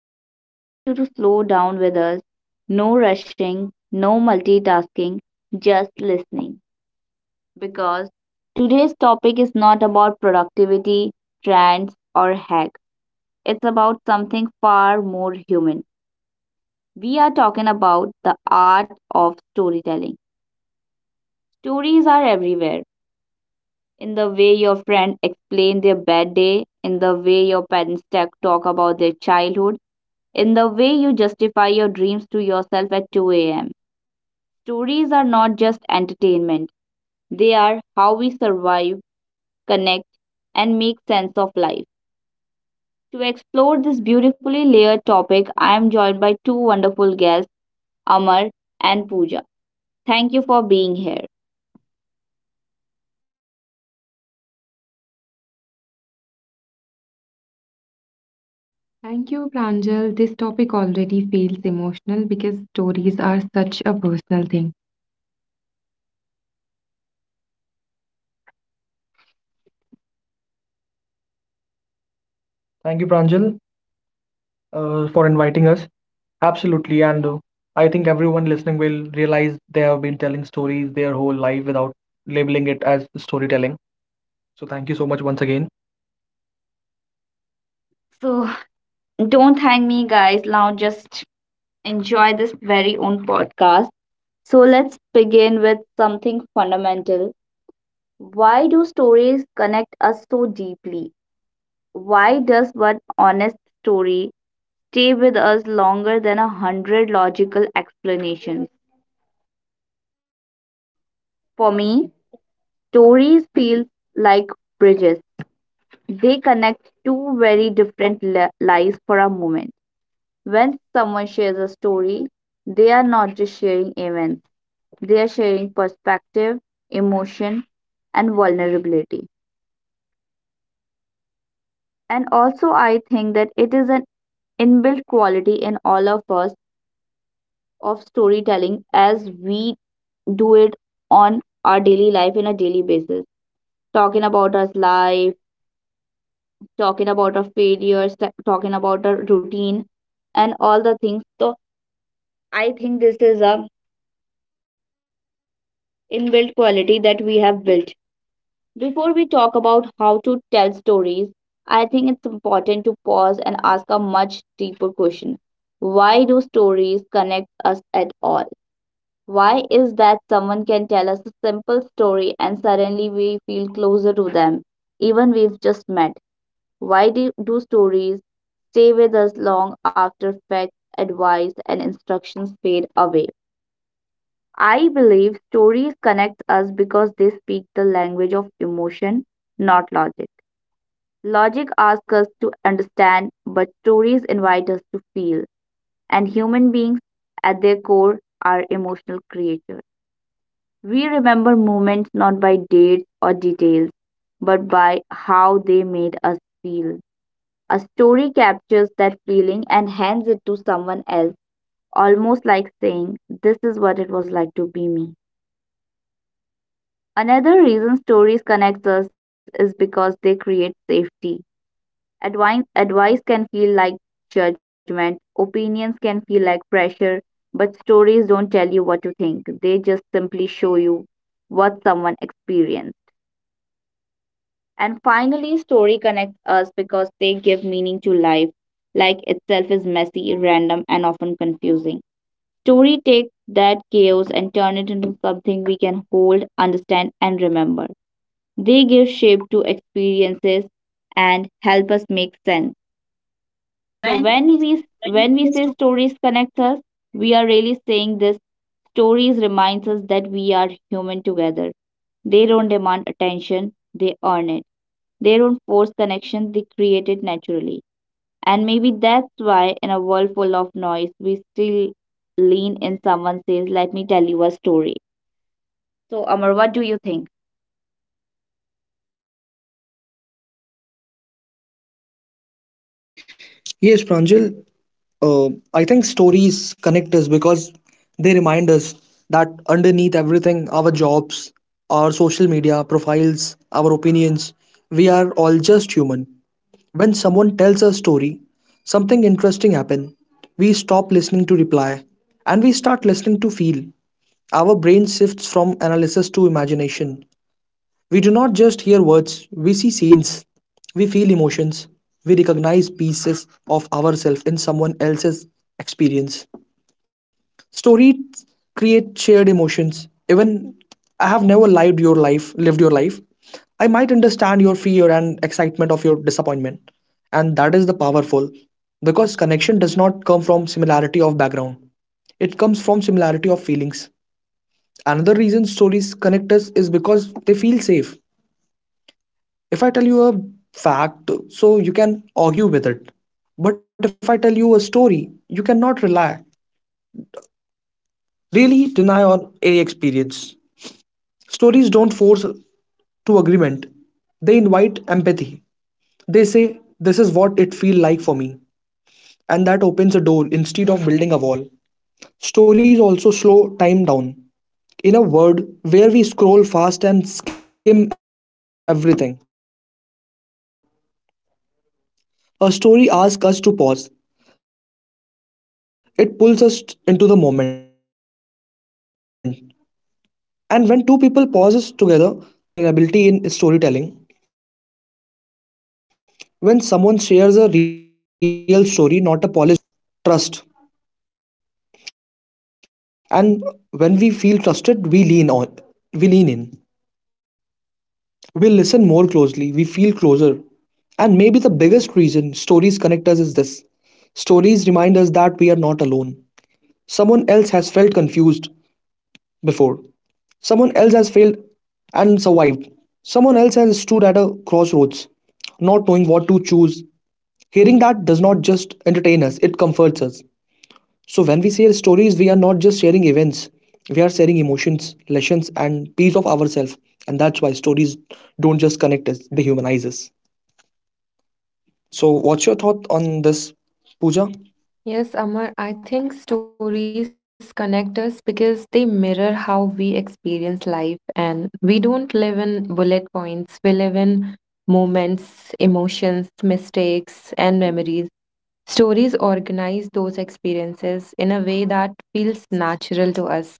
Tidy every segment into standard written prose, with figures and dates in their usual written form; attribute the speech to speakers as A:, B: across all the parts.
A: Today, I want you to slow down with us. No rushing, no multitasking, just listening. Because today's topic is not about productivity, trends, or hacks. It's about something far more human. We are talking about the art of storytelling. Stories are everywhere, in the way your friend explain their bad day, in the way your parents talk about their childhood, in the way you justify your dreams to yourself at 2 a.m. Stories are not just entertainment, they are how we survive, connect, and make sense of life. To explore this beautifully layered topic, I am joined by two wonderful guests, Amar and Pooja. Thank you for being here. Thank you, Pranjal. This topic already feels emotional because stories are such a personal thing. Thank you, Pranjal, for inviting us. Absolutely, and I think everyone listening will realize they have been telling stories their whole life without labeling it as storytelling. So thank you so much once again. So don't thank me, guys. Now just enjoy this very own podcast. So let's begin with something fundamental. Why do stories connect us so deeply? Why does one honest story stay with us longer than a hundred logical explanations? For me, stories feel like bridges. They connect two very different lives for a moment. When someone shares a story, they are not just sharing events, they are sharing perspective, emotion, and vulnerability. And also, I think that it is an inbuilt quality in all of us of storytelling, as we do it on our daily life in a daily basis. Talking about our life, talking about our failures, talking about our routine, and all the things. So I think this is a inbuilt quality that we have built. Before we talk about how to tell stories, I think it's important to pause and ask a much deeper question. Why do stories connect us at all? Why is that someone can tell us a simple story and suddenly we feel closer to them, even we've just met? Why do stories stay with us long after facts, advice, and instructions fade away? I believe stories connect us because they speak the language of emotion, not logic. Logic asks us to understand, but stories invite us to feel. And human beings, at their core, are emotional creatures. We remember moments not by dates or details, but by how they made us feel. A story captures that feeling and hands it to someone else, almost like saying, this is what it was like to be me. Another reason stories connect us is because they create safety. Advice can feel like judgment, opinions can feel like pressure, but stories don't tell you what to think. They just simply show you what someone experienced. And finally, story connects us because they give meaning to life. Life itself is messy, random, and often confusing. Story takes that chaos and turn it into something we can hold, understand, and remember. They give shape to experiences and help us make sense. So when we say stories connect us, we are really saying this, stories reminds us that we are human together. They don't demand attention, they earn it. They don't force connection, they create it naturally. And maybe that's why in a world full of noise, we still lean in someone says, let me tell you a story. So Amar, what do you think?
B: Yes, Pranjal, uh, I think stories connect us because they remind us that underneath everything, our jobs, our social media profiles, our opinions, we are all just human. When someone tells a story, something interesting happens. We stop listening to reply and we start listening to feel. Our brain shifts from analysis to imagination. We do not just hear words, we see scenes, we feel emotions, we recognize pieces of ourselves in someone else's experience. Stories create shared emotions. Even I have never lived your life. I might understand your fear and excitement of your disappointment. And that is the powerful because connection does not come from similarity of background. It comes from similarity of feelings. Another reason stories connect us is because they feel safe if I tell you a fact, so you can argue with it. But if I tell you a story, you cannot really deny on any experience. Stories don't force to agreement. They invite empathy. They say, this is what it feel like for me. And that opens a door instead of building a wall. Stories also slow time down. In a world where we scroll fast and skim everything, a story asks us to pause. It pulls us into the moment. And when two people pauses together, that is connection, that is presence. There is also a vulnerability in storytelling when someone shares a real story, not a polished one but an honest one. It singles trust, and when we feel trusted, we lean on we lean in, we listen more closely, we feel closer. And maybe the biggest reason stories connect us is this: stories remind us that we are not alone. Someone else has felt confused before. Someone else has failed and survived. Someone else has stood at a crossroads, not knowing what to choose. Hearing that does not just entertain us, it comforts us. So, when we share stories, we are not just sharing events, we are sharing emotions, lessons, and piece of ourselves. And that's why stories don't just connect us, they humanize us. So, what's your thought on this, Pooja?
C: Yes, Amar, I think stories connect us because they mirror how we experience life, and we don't live in bullet points, we live in moments, emotions, mistakes, and memories. Stories organize those experiences in a way that feels natural to us.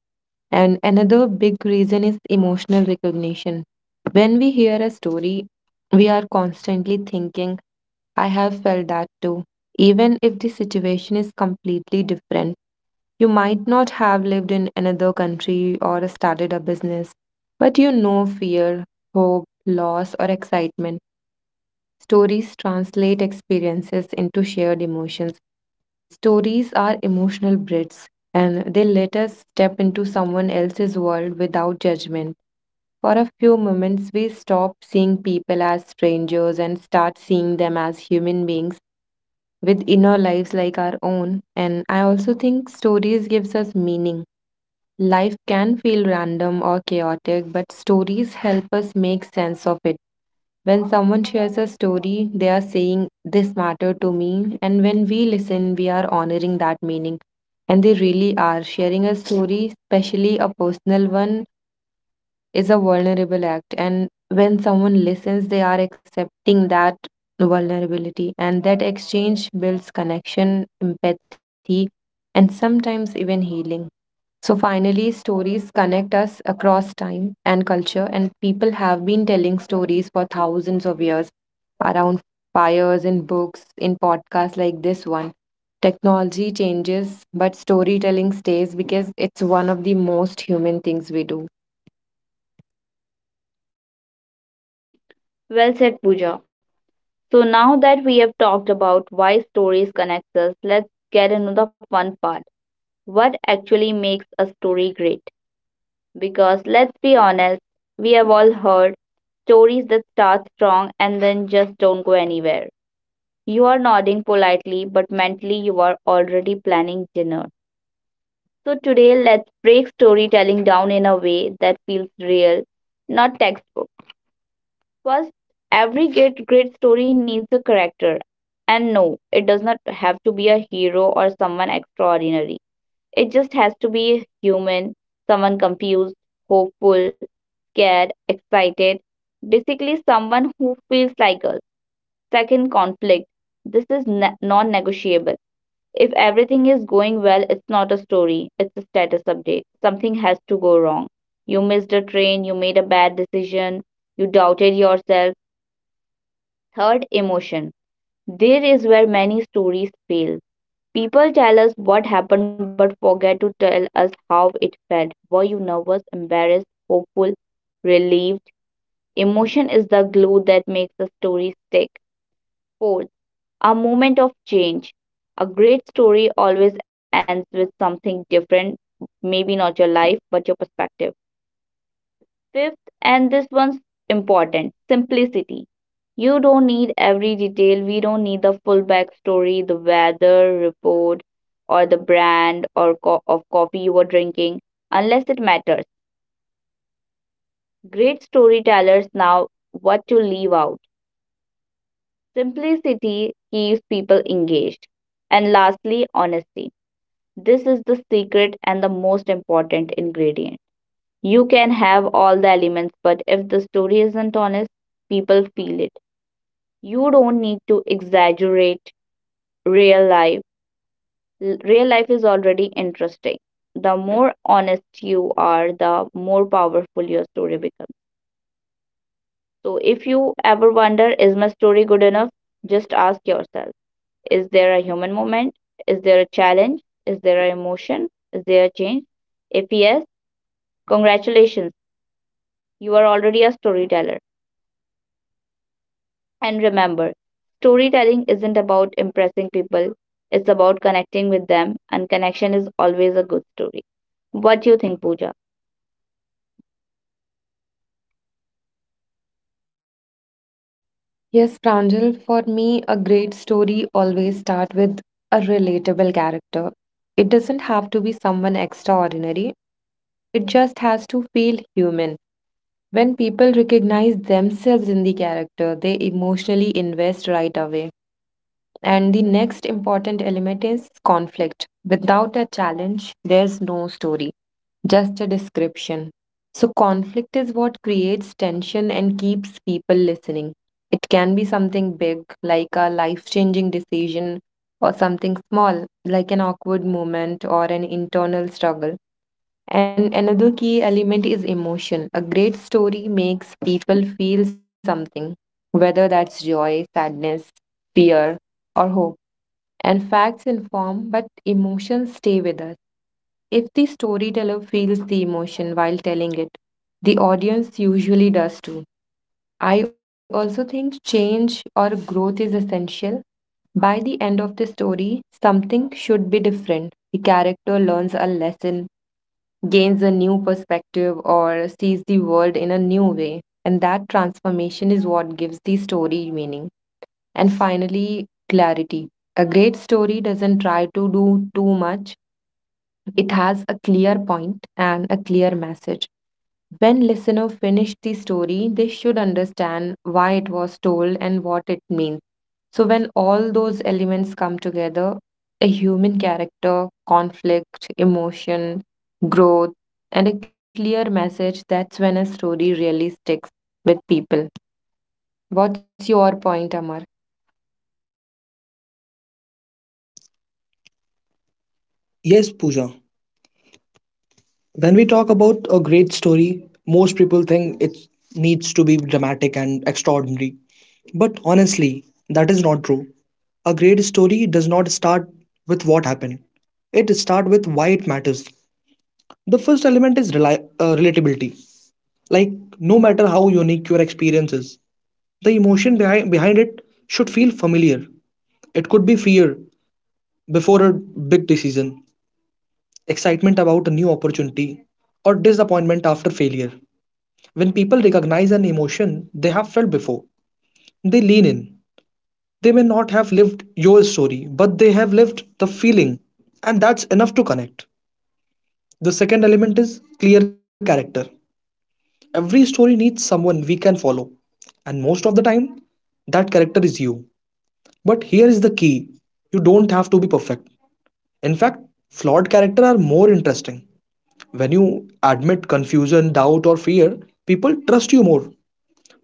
C: And another big reason is emotional recognition. When we hear a story, we are constantly thinking, I have felt that too. Even if the situation is completely different, you might not have lived in another country or started a business, but you know fear, hope, loss, or excitement. Stories translate experiences into shared emotions. Stories are emotional bridges and they let us step into someone else's world without judgment. For a few moments, we stop seeing people as strangers and start seeing them as human beings with inner lives like our own. And I also think stories gives us meaning. Life can feel random or chaotic, but stories help us make sense of it. When someone shares a story, they are saying, this mattered to me. And when we listen, we are honoring that meaning. And they really are. Sharing a story, especially a personal one, is a vulnerable act. And when someone listens, they are accepting that vulnerability. And that exchange builds connection, empathy, and sometimes even healing. So, finally, stories connect us across time and culture, people have been telling stories for thousands of years around fires, in books, in podcasts like this one. Technology changes, but storytelling stays because it's one of the most human things we do.
A: Well said, Pooja. So now that we have talked about why stories connect us, let's get into the fun part. What actually makes a story great? Because let's be honest, we have all heard stories that start strong and then just don't go anywhere. You are nodding politely, but mentally you are already planning dinner. So today let's break storytelling down in a way that feels real, not textbook. First, every great story needs a character. And no, it does not have to be a hero or someone extraordinary. It just has to be human, someone confused, hopeful, scared, excited. Basically, someone who feels like us. Second, conflict. This is non negotiable. If everything is going well, it's not a story, it's a status update. Something has to go wrong. You missed a train, you made a bad decision, you doubted yourself. Third, emotion. There is where many stories fail. People tell us what happened but forget to tell us how it felt. Were you nervous, embarrassed, hopeful, relieved? Emotion is the glue that makes a story stick. Fourth, a moment of change. A great story always ends with something different, maybe not your life, but your perspective. Fifth, and this one's important, simplicity. You don't need every detail. We don't need the full backstory, the weather report, or the brand or of coffee you were drinking, unless it matters. Great storytellers know what to leave out. Simplicity keeps people engaged. And lastly, honesty. This is the secret and the most important ingredient. You can have all the elements, but if the story isn't honest, people feel it. You don't need to exaggerate real life. Real life is already interesting. The more honest you are, the more powerful your story becomes. So, if you ever wonder, is my story good enough? Just ask yourself, is there a human moment? Is there a challenge? Is there an emotion? Is there a change? If yes, congratulations, you are already a storyteller. And remember, storytelling isn't about impressing people, it's about connecting with them, and connection is always a good story. What do you think, Pooja?
C: Yes, Pranjal, for me, a great story always starts with a relatable character. It doesn't have to be someone extraordinary. It just has to feel human. When people recognize themselves in the character, they emotionally invest right away. And the next important element is conflict. Without a challenge, there's no story, just a description. So, conflict is what creates tension and keeps people listening. It can be something big, like a life changing decision, or something small, like an awkward moment or an internal struggle. And another key element is emotion. A great story makes people feel something, whether that's joy, sadness, fear, or hope. And facts inform, but emotions stay with us. If the storyteller feels the emotion while telling it, the audience usually does too. I also think change or growth is essential. By the end of the story, something should be different. The character learns a lesson, gains a new perspective or sees the world in a new way. And that transformation is what gives the story meaning. And finally, clarity. A great story doesn't try to do too much, it has clear point and a clear message. When listener finish the story, they should understand why it was told and what it means. So when all those elements come together, a human character, conflict, emotion, growth, and a clear message, that's when a story really sticks with people. What's your point, Amar?
B: Yes, Pooja. When we talk about a great story, most people think it needs to be dramatic and extraordinary. But honestly, that is not true. A great story does not start with what happened. It starts with why it matters. The first element is relatability. Like, no matter how unique your experience is, the emotion behind it should feel familiar. It could be fear before a big decision, excitement about a new opportunity, or disappointment after failure. When people recognize an emotion they have felt before, they lean in. They may not have lived your story, but they have lived the feeling, and that's enough to connect. The second element is clear character. Every story needs someone we can follow, and most of the time, that character is you. But here is the key: you don't have to be perfect. In fact, flawed character are more interesting. When you admit confusion, doubt, or fear, people trust you more.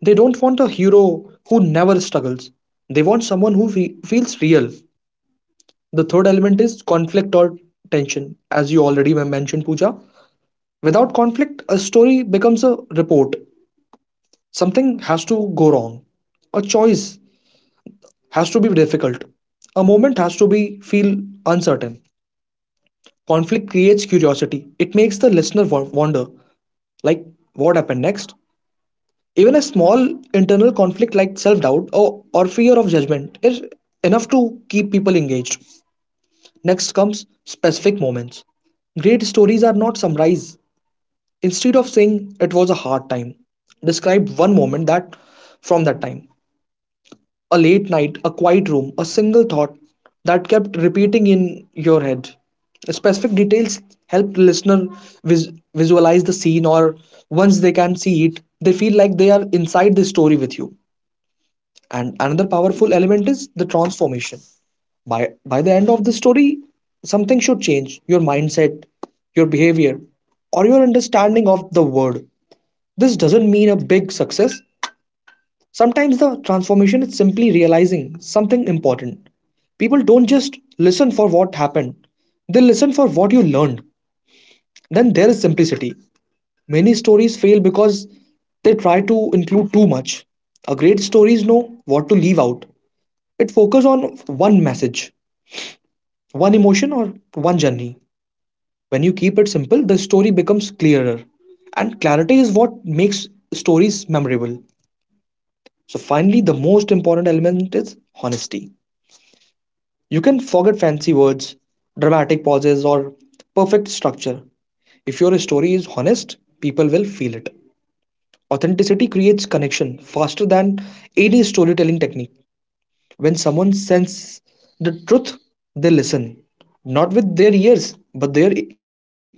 B: They don't want a hero who never struggles. They want someone who feels real. The third element is conflict or tension, as you already mentioned, Pooja. Without conflict, a story becomes a report. Something has to go wrong. A choice has to be difficult. A moment has to be feel uncertain. Conflict creates curiosity. It makes the listener wonder, like, what happened next? Even a small internal conflict like self doubt or fear of judgment is enough to keep people engaged. Next comes specific moments. Great stories are not summarized. Instead of saying it was a hard time, describe one moment that from that time. A late night, a quiet room, a single thought that kept repeating in your head. Specific details help listener visualize the scene, or once they can see it, they feel like they are inside the story with you. And another powerful element is the transformation. By the end of the story, something should change: your mindset, your behavior, or your understanding of the world. This doesn't mean a big success. Sometimes the transformation is simply realizing something important. People don't just listen for what happened, they listen for what you learned. Then there is simplicity. Many stories fail because they try to include too much. A great stories know what to leave out. It focuses on one message, one emotion, or one journey. When you keep it simple, the story becomes clearer. And clarity is what makes stories memorable. So, finally, the most important element is honesty. You can forget fancy words, dramatic pauses, or perfect structure. If your story is honest, people will feel it. Authenticity creates connection faster than any storytelling technique. When someone senses the truth, they listen, not with their ears, but their attention.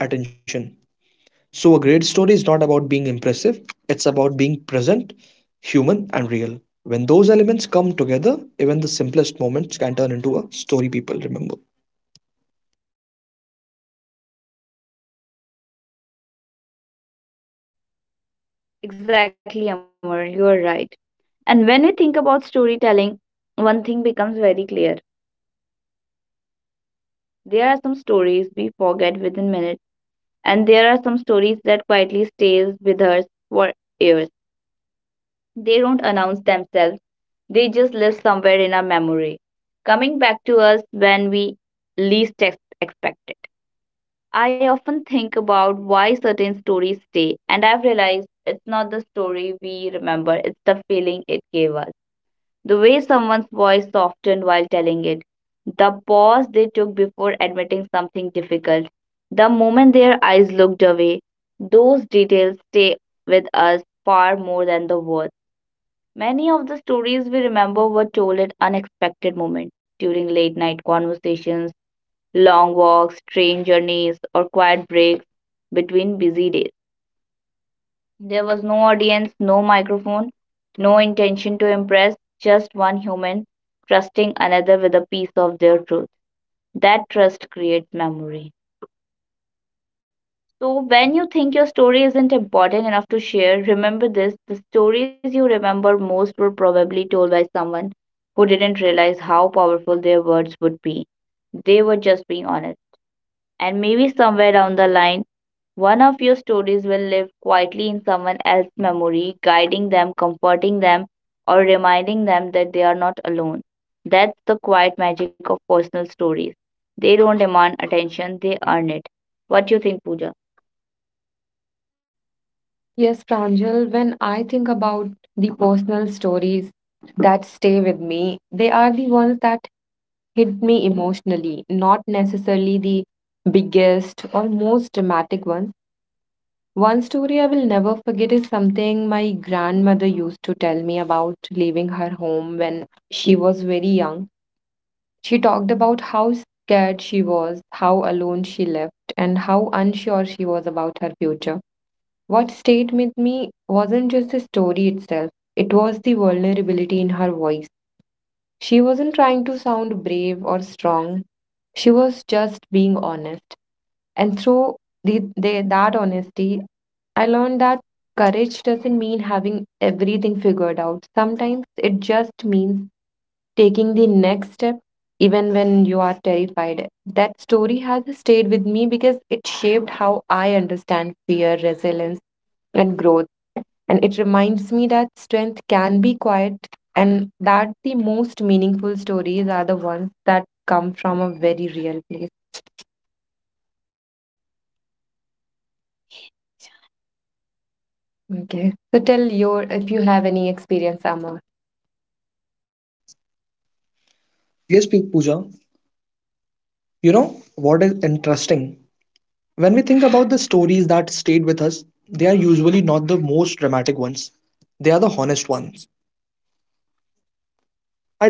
B: So, a great story is not about being impressive, it's about being present, human, and real. When those elements come together, even the simplest moments can turn into a story people remember.
A: Exactly, Amar, you are right. And when we think about storytelling, one thing becomes very clear. There are some stories we forget within minutes and there are some stories that quietly stays with us for years. They don't announce themselves, they just live somewhere in our memory, coming back to us when we least expect it. I often think about why certain stories stay, and I've realized it's not the story we remember, it's the feeling it gave us. The way someone's voice softened while telling it, the pause they took before admitting something difficult, the moment their eyes looked away, those details stay with us far more than the words. Many of the stories we remember were told at unexpected moments, during late night conversations, long walks, train journeys, or quiet breaks between busy days. There was no audience, no microphone, no intention to impress, just one human trusting another with a piece of their truth. That trust creates memory. So, when you think your story isn't important enough to share, remember this, the stories you remember most were probably told by someone who didn't realize how powerful their words would be. They were just being honest. And maybe somewhere down the line, one of your stories will live quietly in someone else's memory, guiding them, comforting them, or reminding them that they are not alone. That's the quiet magic of personal stories. They don't demand attention, they earn it. What do you think, Pooja?
C: Yes, Pranjal, when I think about the personal stories that stay with me, they are the ones that hit me emotionally, not necessarily the biggest or most dramatic ones. One story I will never forget is something my grandmother used to tell me about leaving her home when she was very young. She talked about how scared she was, how alone she left, and how unsure she was about her future. What stayed with me wasn't just the story itself, it was the vulnerability in her voice. She wasn't trying to sound brave or strong. She was just being honest. And through that honesty, I learned that courage doesn't mean having everything figured out. Sometimes it just means taking the next step, even when you are terrified. That story has stayed with me because it shaped how I understand fear, resilience, and growth. And it reminds me that strength can be quiet and that the most meaningful stories are the ones that come from a very real place. Okay. So tell your if you have any experience, Amar.
B: Yes, Pooja, you know what is interesting? When we think about the stories that stayed with us, they are usually not the most dramatic ones, they are the honest ones.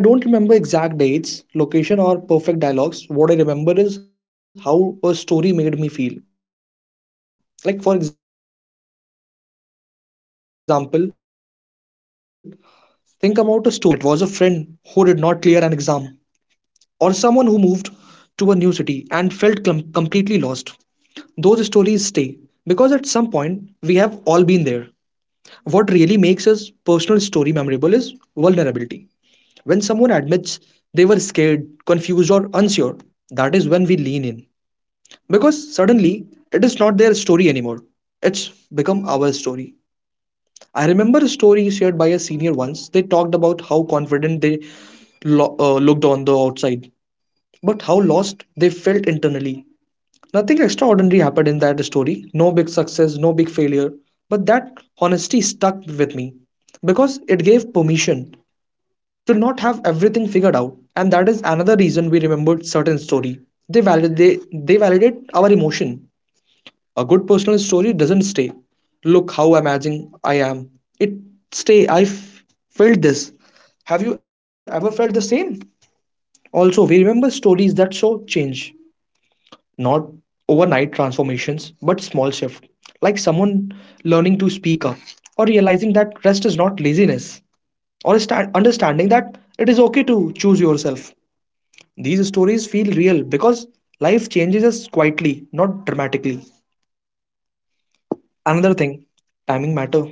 B: I don't remember exact dates, location, or perfect dialogues. What I remember is how a story made me feel. Like, for example, think about a story someone once told you about failure. Maybe it was a friend who did not clear an exam, or someone who moved to a new city and felt completely lost. Those stories stay because at some point we have all been there. What really makes a personal story memorable is vulnerability. When someone admits they were scared, confused, or unsure, that is when we lean in. Because suddenly, it is not their story anymore. It's become our story. I remember a story shared by a senior once. They talked about how confident they looked on the outside, but how lost they felt internally. Nothing extraordinary happened in that story. No big success, no big failure. But that honesty stuck with me because it gave permission to not have everything figured out. And that is another reason we remembered certain story: they validate, they validate our emotion. A good personal story doesn't stay, look how amazing I am. It stay, felt this, have you ever felt the same? Also, we remember stories that show change, not overnight transformations but small shift, like someone learning to speak up, or realizing that rest is not laziness, or understanding that it is okay to choose yourself. These stories feel real because life changes us quietly, not dramatically. Another thing, timing matter.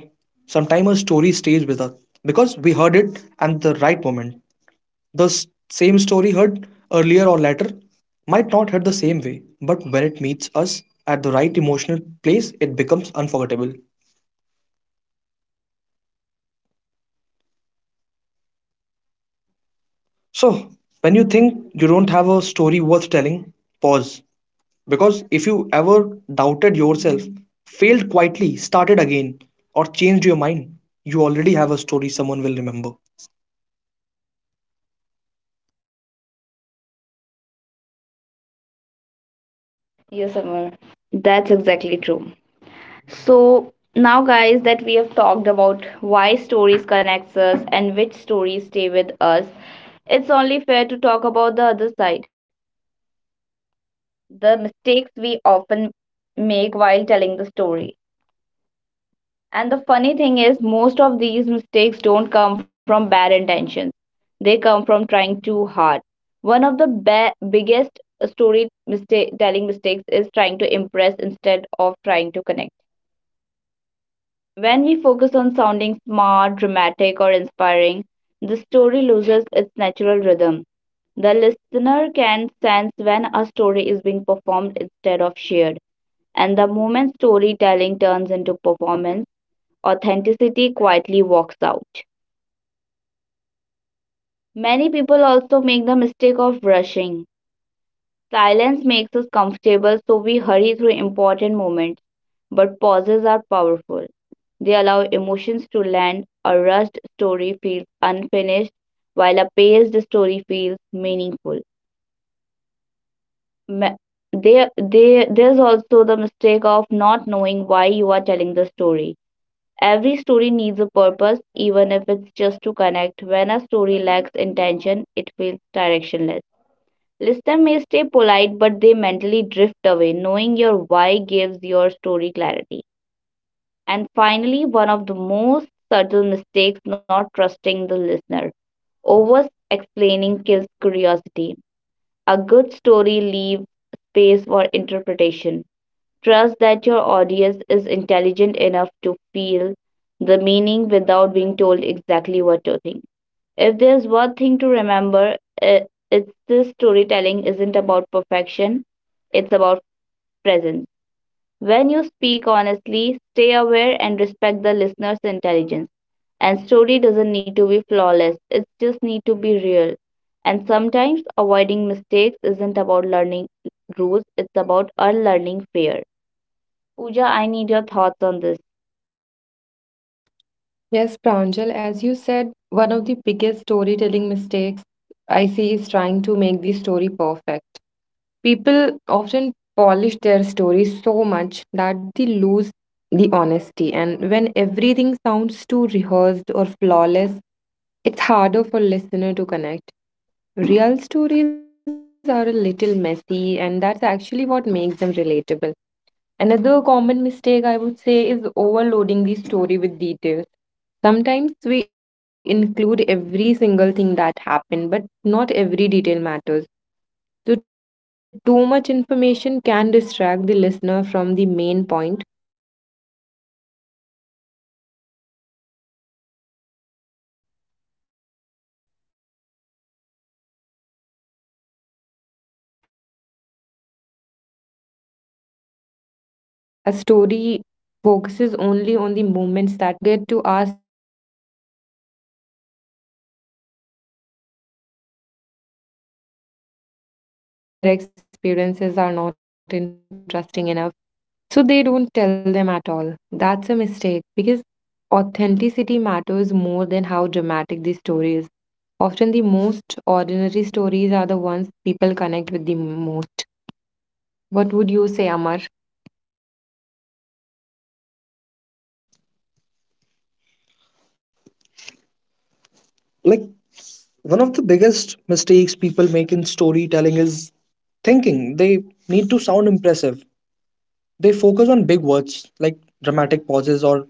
B: Sometimes a story stays with us because we heard it at the right moment. The same story heard earlier or later might not hit the same way, but when it meets us at the right emotional place, it becomes unforgettable. So, when you think you don't have a story worth telling, pause. Because if you ever doubted yourself, failed quietly, started again, or changed your mind, you already have a story someone will remember.
A: Yes, Amar. That's exactly true. So now, guys, that we have talked about why stories connects us and which stories stay with us, it's only fair to talk about the other side, the mistakes we often make while telling the story. And the funny thing is, most of these mistakes don't come from bad intentions. They come from trying too hard. One of the biggest story mistake telling mistakes is trying to impress instead of trying to connect. When we focus on sounding smart, dramatic, or inspiring, the story loses its natural rhythm. The listener can sense when a story is being performed instead of shared. And the moment storytelling turns into performance, authenticity quietly walks out. Many people also make the mistake of rushing. Silence makes us comfortable, so we hurry through important moments, but pauses are powerful. They allow emotions to land. A rushed story feels unfinished, while a paced story feels meaningful. Ma- there's also the mistake of not knowing why you are telling the story. Every story needs a purpose, even if it's just to connect. When a story lacks intention, it feels directionless. Listeners may stay polite, but they mentally drift away. Knowing your why gives your story clarity. And finally, one of the most subtle mistakes, not trusting the listener. Over explaining kills curiosity. A good story leaves space for interpretation. Trust that your audience is intelligent enough to feel the meaning without being told exactly what to think. If there's one thing to remember, i- it's this, storytelling isn't about perfection, it's about presence. When you speak honestly, stay aware and respect the listener's intelligence. And story doesn't need to be flawless, it just need to be real. And sometimes avoiding mistakes isn't about learning rules, it's about unlearning fear. Pooja, I need your thoughts on this.
C: Yes, Pranjal, as you said, one of the biggest storytelling mistakes I see is trying to make the story perfect. People often polish their stories so much that they lose the honesty, and when everything sounds too rehearsed or flawless, it's harder for listener to connect. Real stories are a little messy, and that's actually what makes them relatable. Another common mistake I would say is overloading the story with details. Sometimes we include every single thing that happened, but not every detail matters. So, too much information can distract the listener from the main point. A story focuses only on the moments that move the story forward. I also think people often forget to ask themselves why they are telling this story. And a good story doesn't just entertain, it leaves the listener with something to take away, whether it's a lesson or insight or a feeling. And finally, I think people underestimate their own stories. They assume their experiences are not interesting enough, so they don't tell them at all. That's a mistake because authenticity matters more than how dramatic the story is. Often, the most ordinary stories are the ones people connect with the most. What would you say, Amar?
B: Like, one of the biggest mistakes people make in storytelling is thinking they need to sound impressive. They focus on big words like dramatic pauses or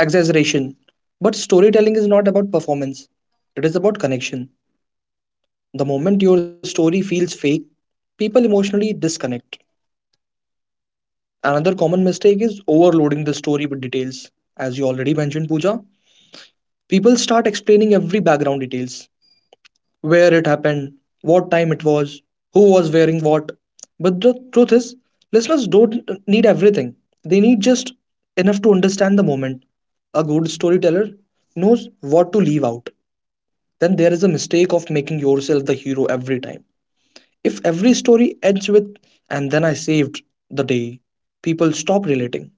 B: exaggeration. But storytelling is not about performance, it is about connection. The moment your story feels fake, people emotionally disconnect. Another common mistake is overloading the story with details. As you already mentioned, Pooja, people start explaining every background details, where it happened, what time it was, who was wearing what. But the truth is, listeners don't need everything. They need just enough to understand the moment. A good storyteller knows what to leave out. Then there is a mistake of making yourself the hero every time. If every story ends with, and then I saved the day, people stop relating.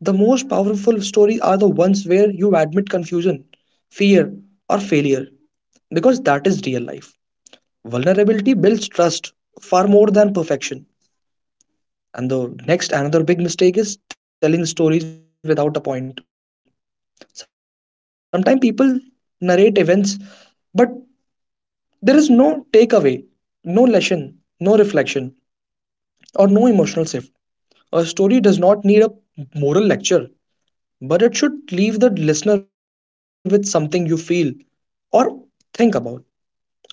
B: The most powerful stories are the ones where you admit confusion, fear, or failure because that is real life. Vulnerability builds trust far more than perfection. And another big mistake is telling stories without a point. Sometimes people narrate events, but there is no takeaway, no lesson, no reflection, or no emotional shift. A story does not need a moral lecture, but it should leave the listener with something you feel or think about.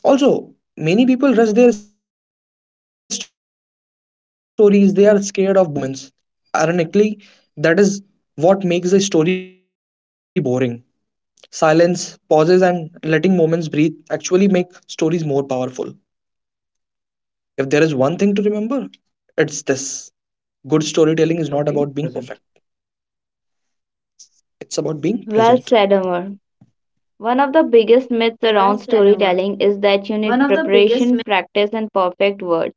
B: Also, many people rush their stories, they are scared of boring others. So they speed through the emotional moments. Ironically, that is what makes a story boring. Silence, pauses, and letting moments breathe actually make stories more powerful. If there is one thing to remember, it's this: good storytelling
A: It's
B: is
A: about
B: not
A: being
B: about being
A: present.
B: perfect, it's about being
A: Well
B: present.
A: said, Amar. One of the biggest myths around storytelling is that you need preparation, practice, and perfect words.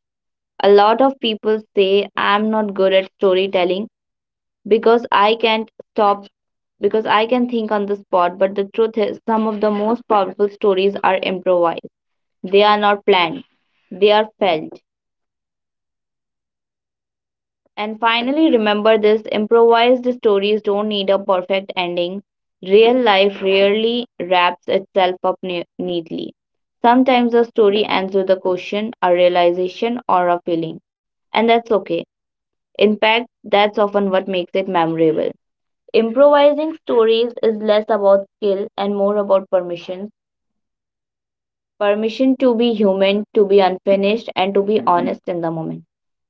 A: A lot of people say, I'm not good at storytelling, because I can't stop because I can think on the spot, but the truth is some of the most powerful stories are improvised. They are not planned. They are felt. And finally remember this, improvised stories don't need a perfect ending. Real life rarely wraps itself up neatly. Sometimes a story ends with a question, a realization, or a feeling. And that's okay. In fact, that's often what makes it memorable. Improvising stories is less about skill and more about permission, to be human, to be unfinished, and to be honest in the moment.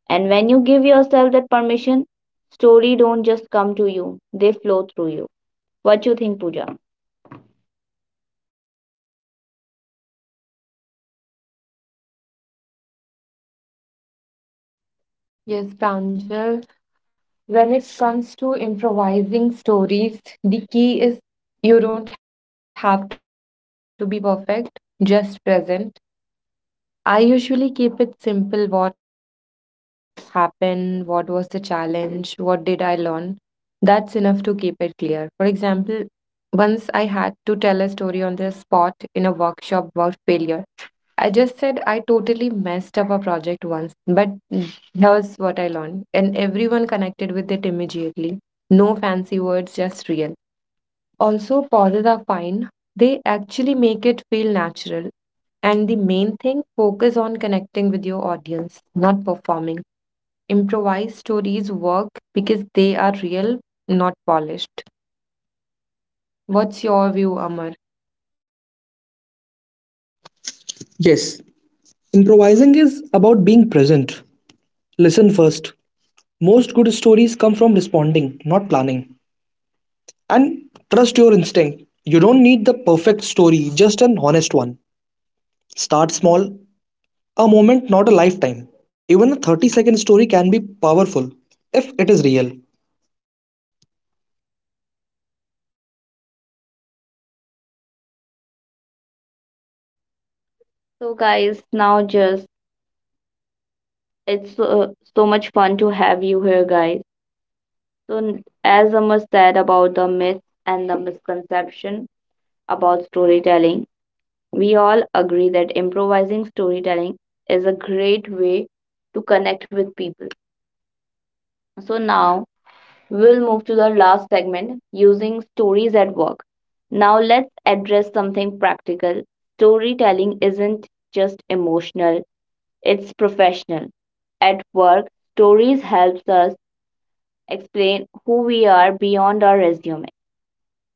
A: And when you give yourself that permission, story don't just come to you, they flow through you. What you think, Pooja?
C: Yes, Pranjal. When it comes to improvising stories, the key is you don't have to be perfect, just present. I usually keep it simple, what happened, what was the challenge, what did I learn. That's enough to keep it clear. For example, once I had to tell a story on the spot in a workshop about failure. I just said I totally messed up a project once, but here's what I learned. And everyone connected with it immediately. No fancy words, just real. Also, pauses are fine. They actually make it feel natural. The main thing, focus on connecting with your audience, not performing. Improvised stories work because they are real, not polished. What's your view, Amar?
B: Yes, improvising is about being present. Listen first. Most good stories come from responding, not planning. And trust your instinct. You don't need the perfect story, just an honest one. Start small, a moment, not a lifetime. Even a 30-second story can be powerful if it is real.
A: So guys, now just it's so, so much fun to have you here guys. So as Amar said about the myths and the misconception about storytelling, we all agree that improvising storytelling is a great way to connect with people. So now we'll move to the last segment, using stories at work. Now let's address something practical. Storytelling isn't just emotional, it's professional. At work, stories helps us explain who we are beyond our resume.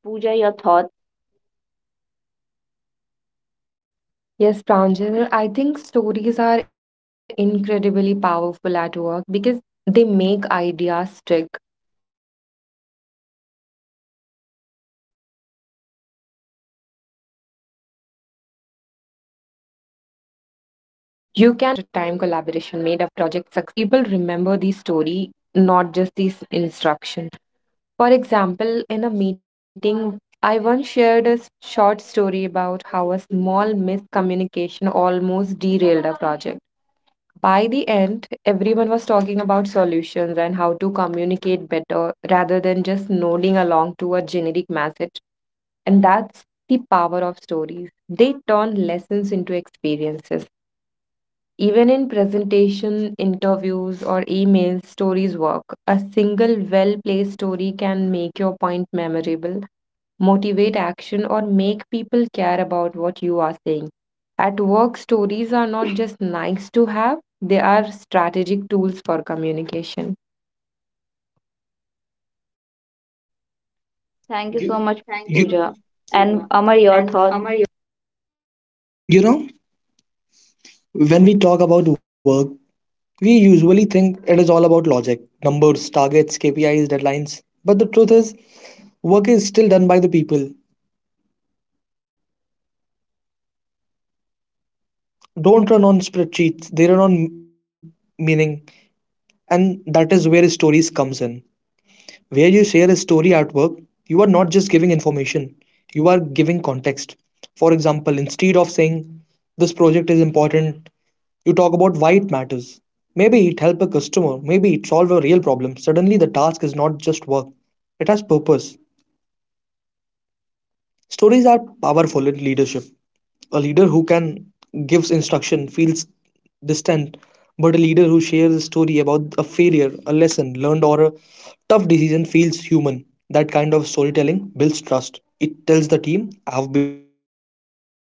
A: Pooja, your thoughts.
C: Yes, Pranjal, I think stories are incredibly powerful at work because they make ideas stick. You can tell someone we need to improve teamwork, but if you tell a story about a time collaboration made a project succeed or fail, that message suddenly comes alive. People remember the story, not just these instructions. For example, in a meeting, I once shared a short story about how a small miscommunication almost derailed a project. End, everyone was talking about solutions and how to communicate better rather than just nodding along to a generic message. And that's the power of stories. They turn lessons into experiences. Even in presentation, interviews, or emails, work. A single well placed story can make your point memorable, motivate action, or make people care about what you are saying. At work, stories are not just nice to have, they are strategic tools for communication.
A: Thank you so much, Pooja.
B: You,
A: And Amar, your thoughts.
B: you know, when we talk about work, we usually think it is all about logic, numbers, targets, KPIs, deadlines. But the truth is, work is still done by the people. Don't run on spreadsheets, they run on meaning. And that is where stories comes in. Where you share a story artwork, you are not just giving information, you are giving context. For example, instead of saying this project is important, you talk about why it matters. Maybe it helps a customer, maybe it solves a real problem. Suddenly the task is not just work, it has purpose. Stories are powerful in leadership. A leader who can gives instruction feels distant, but a leader who shares a story about a failure, a lesson learned, or a tough decision feels human. That kind of storytelling builds trust. It tells the team, I've been ever you are.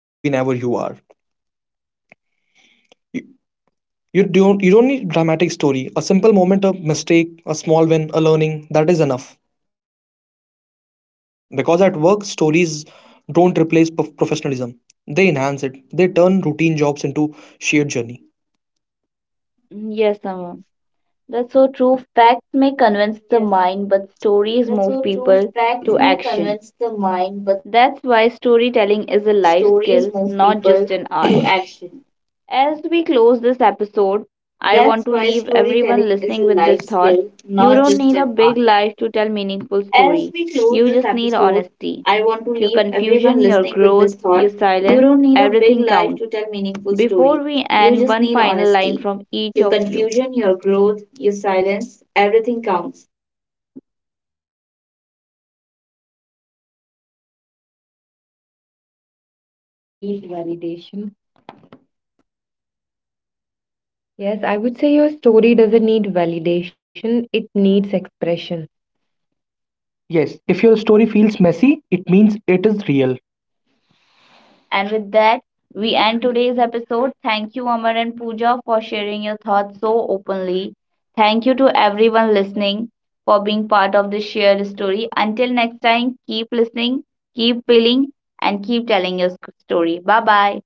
B: You don't need dramatic story. A simple moment of mistake, a small win, a learning, that is enough. Because at work, stories don't replace professionalism. They enhance it. They turn routine jobs into shared journey.
A: Yes, Amar. That's so true. Facts may convince the mind, but stories move people to action. That's why storytelling is a life skill, not just an art. As we close this episode, I want to leave everyone listening with this thought. You don't need a big life to tell meaningful story. You just need honesty. Your confusion, your growth, your silence, everything counts. Before we end, one final line from each of you. Need validation. Yes, I would say your story doesn't need validation, it needs expression. Yes, if your story feels messy, it means it is real. And with that, we end today's episode. Thank you, Amar and Pooja, for sharing your thoughts so openly. Thank you to everyone listening for being part of this shared story. Until next time, keep listening, keep feeling, and keep telling your story. Bye bye.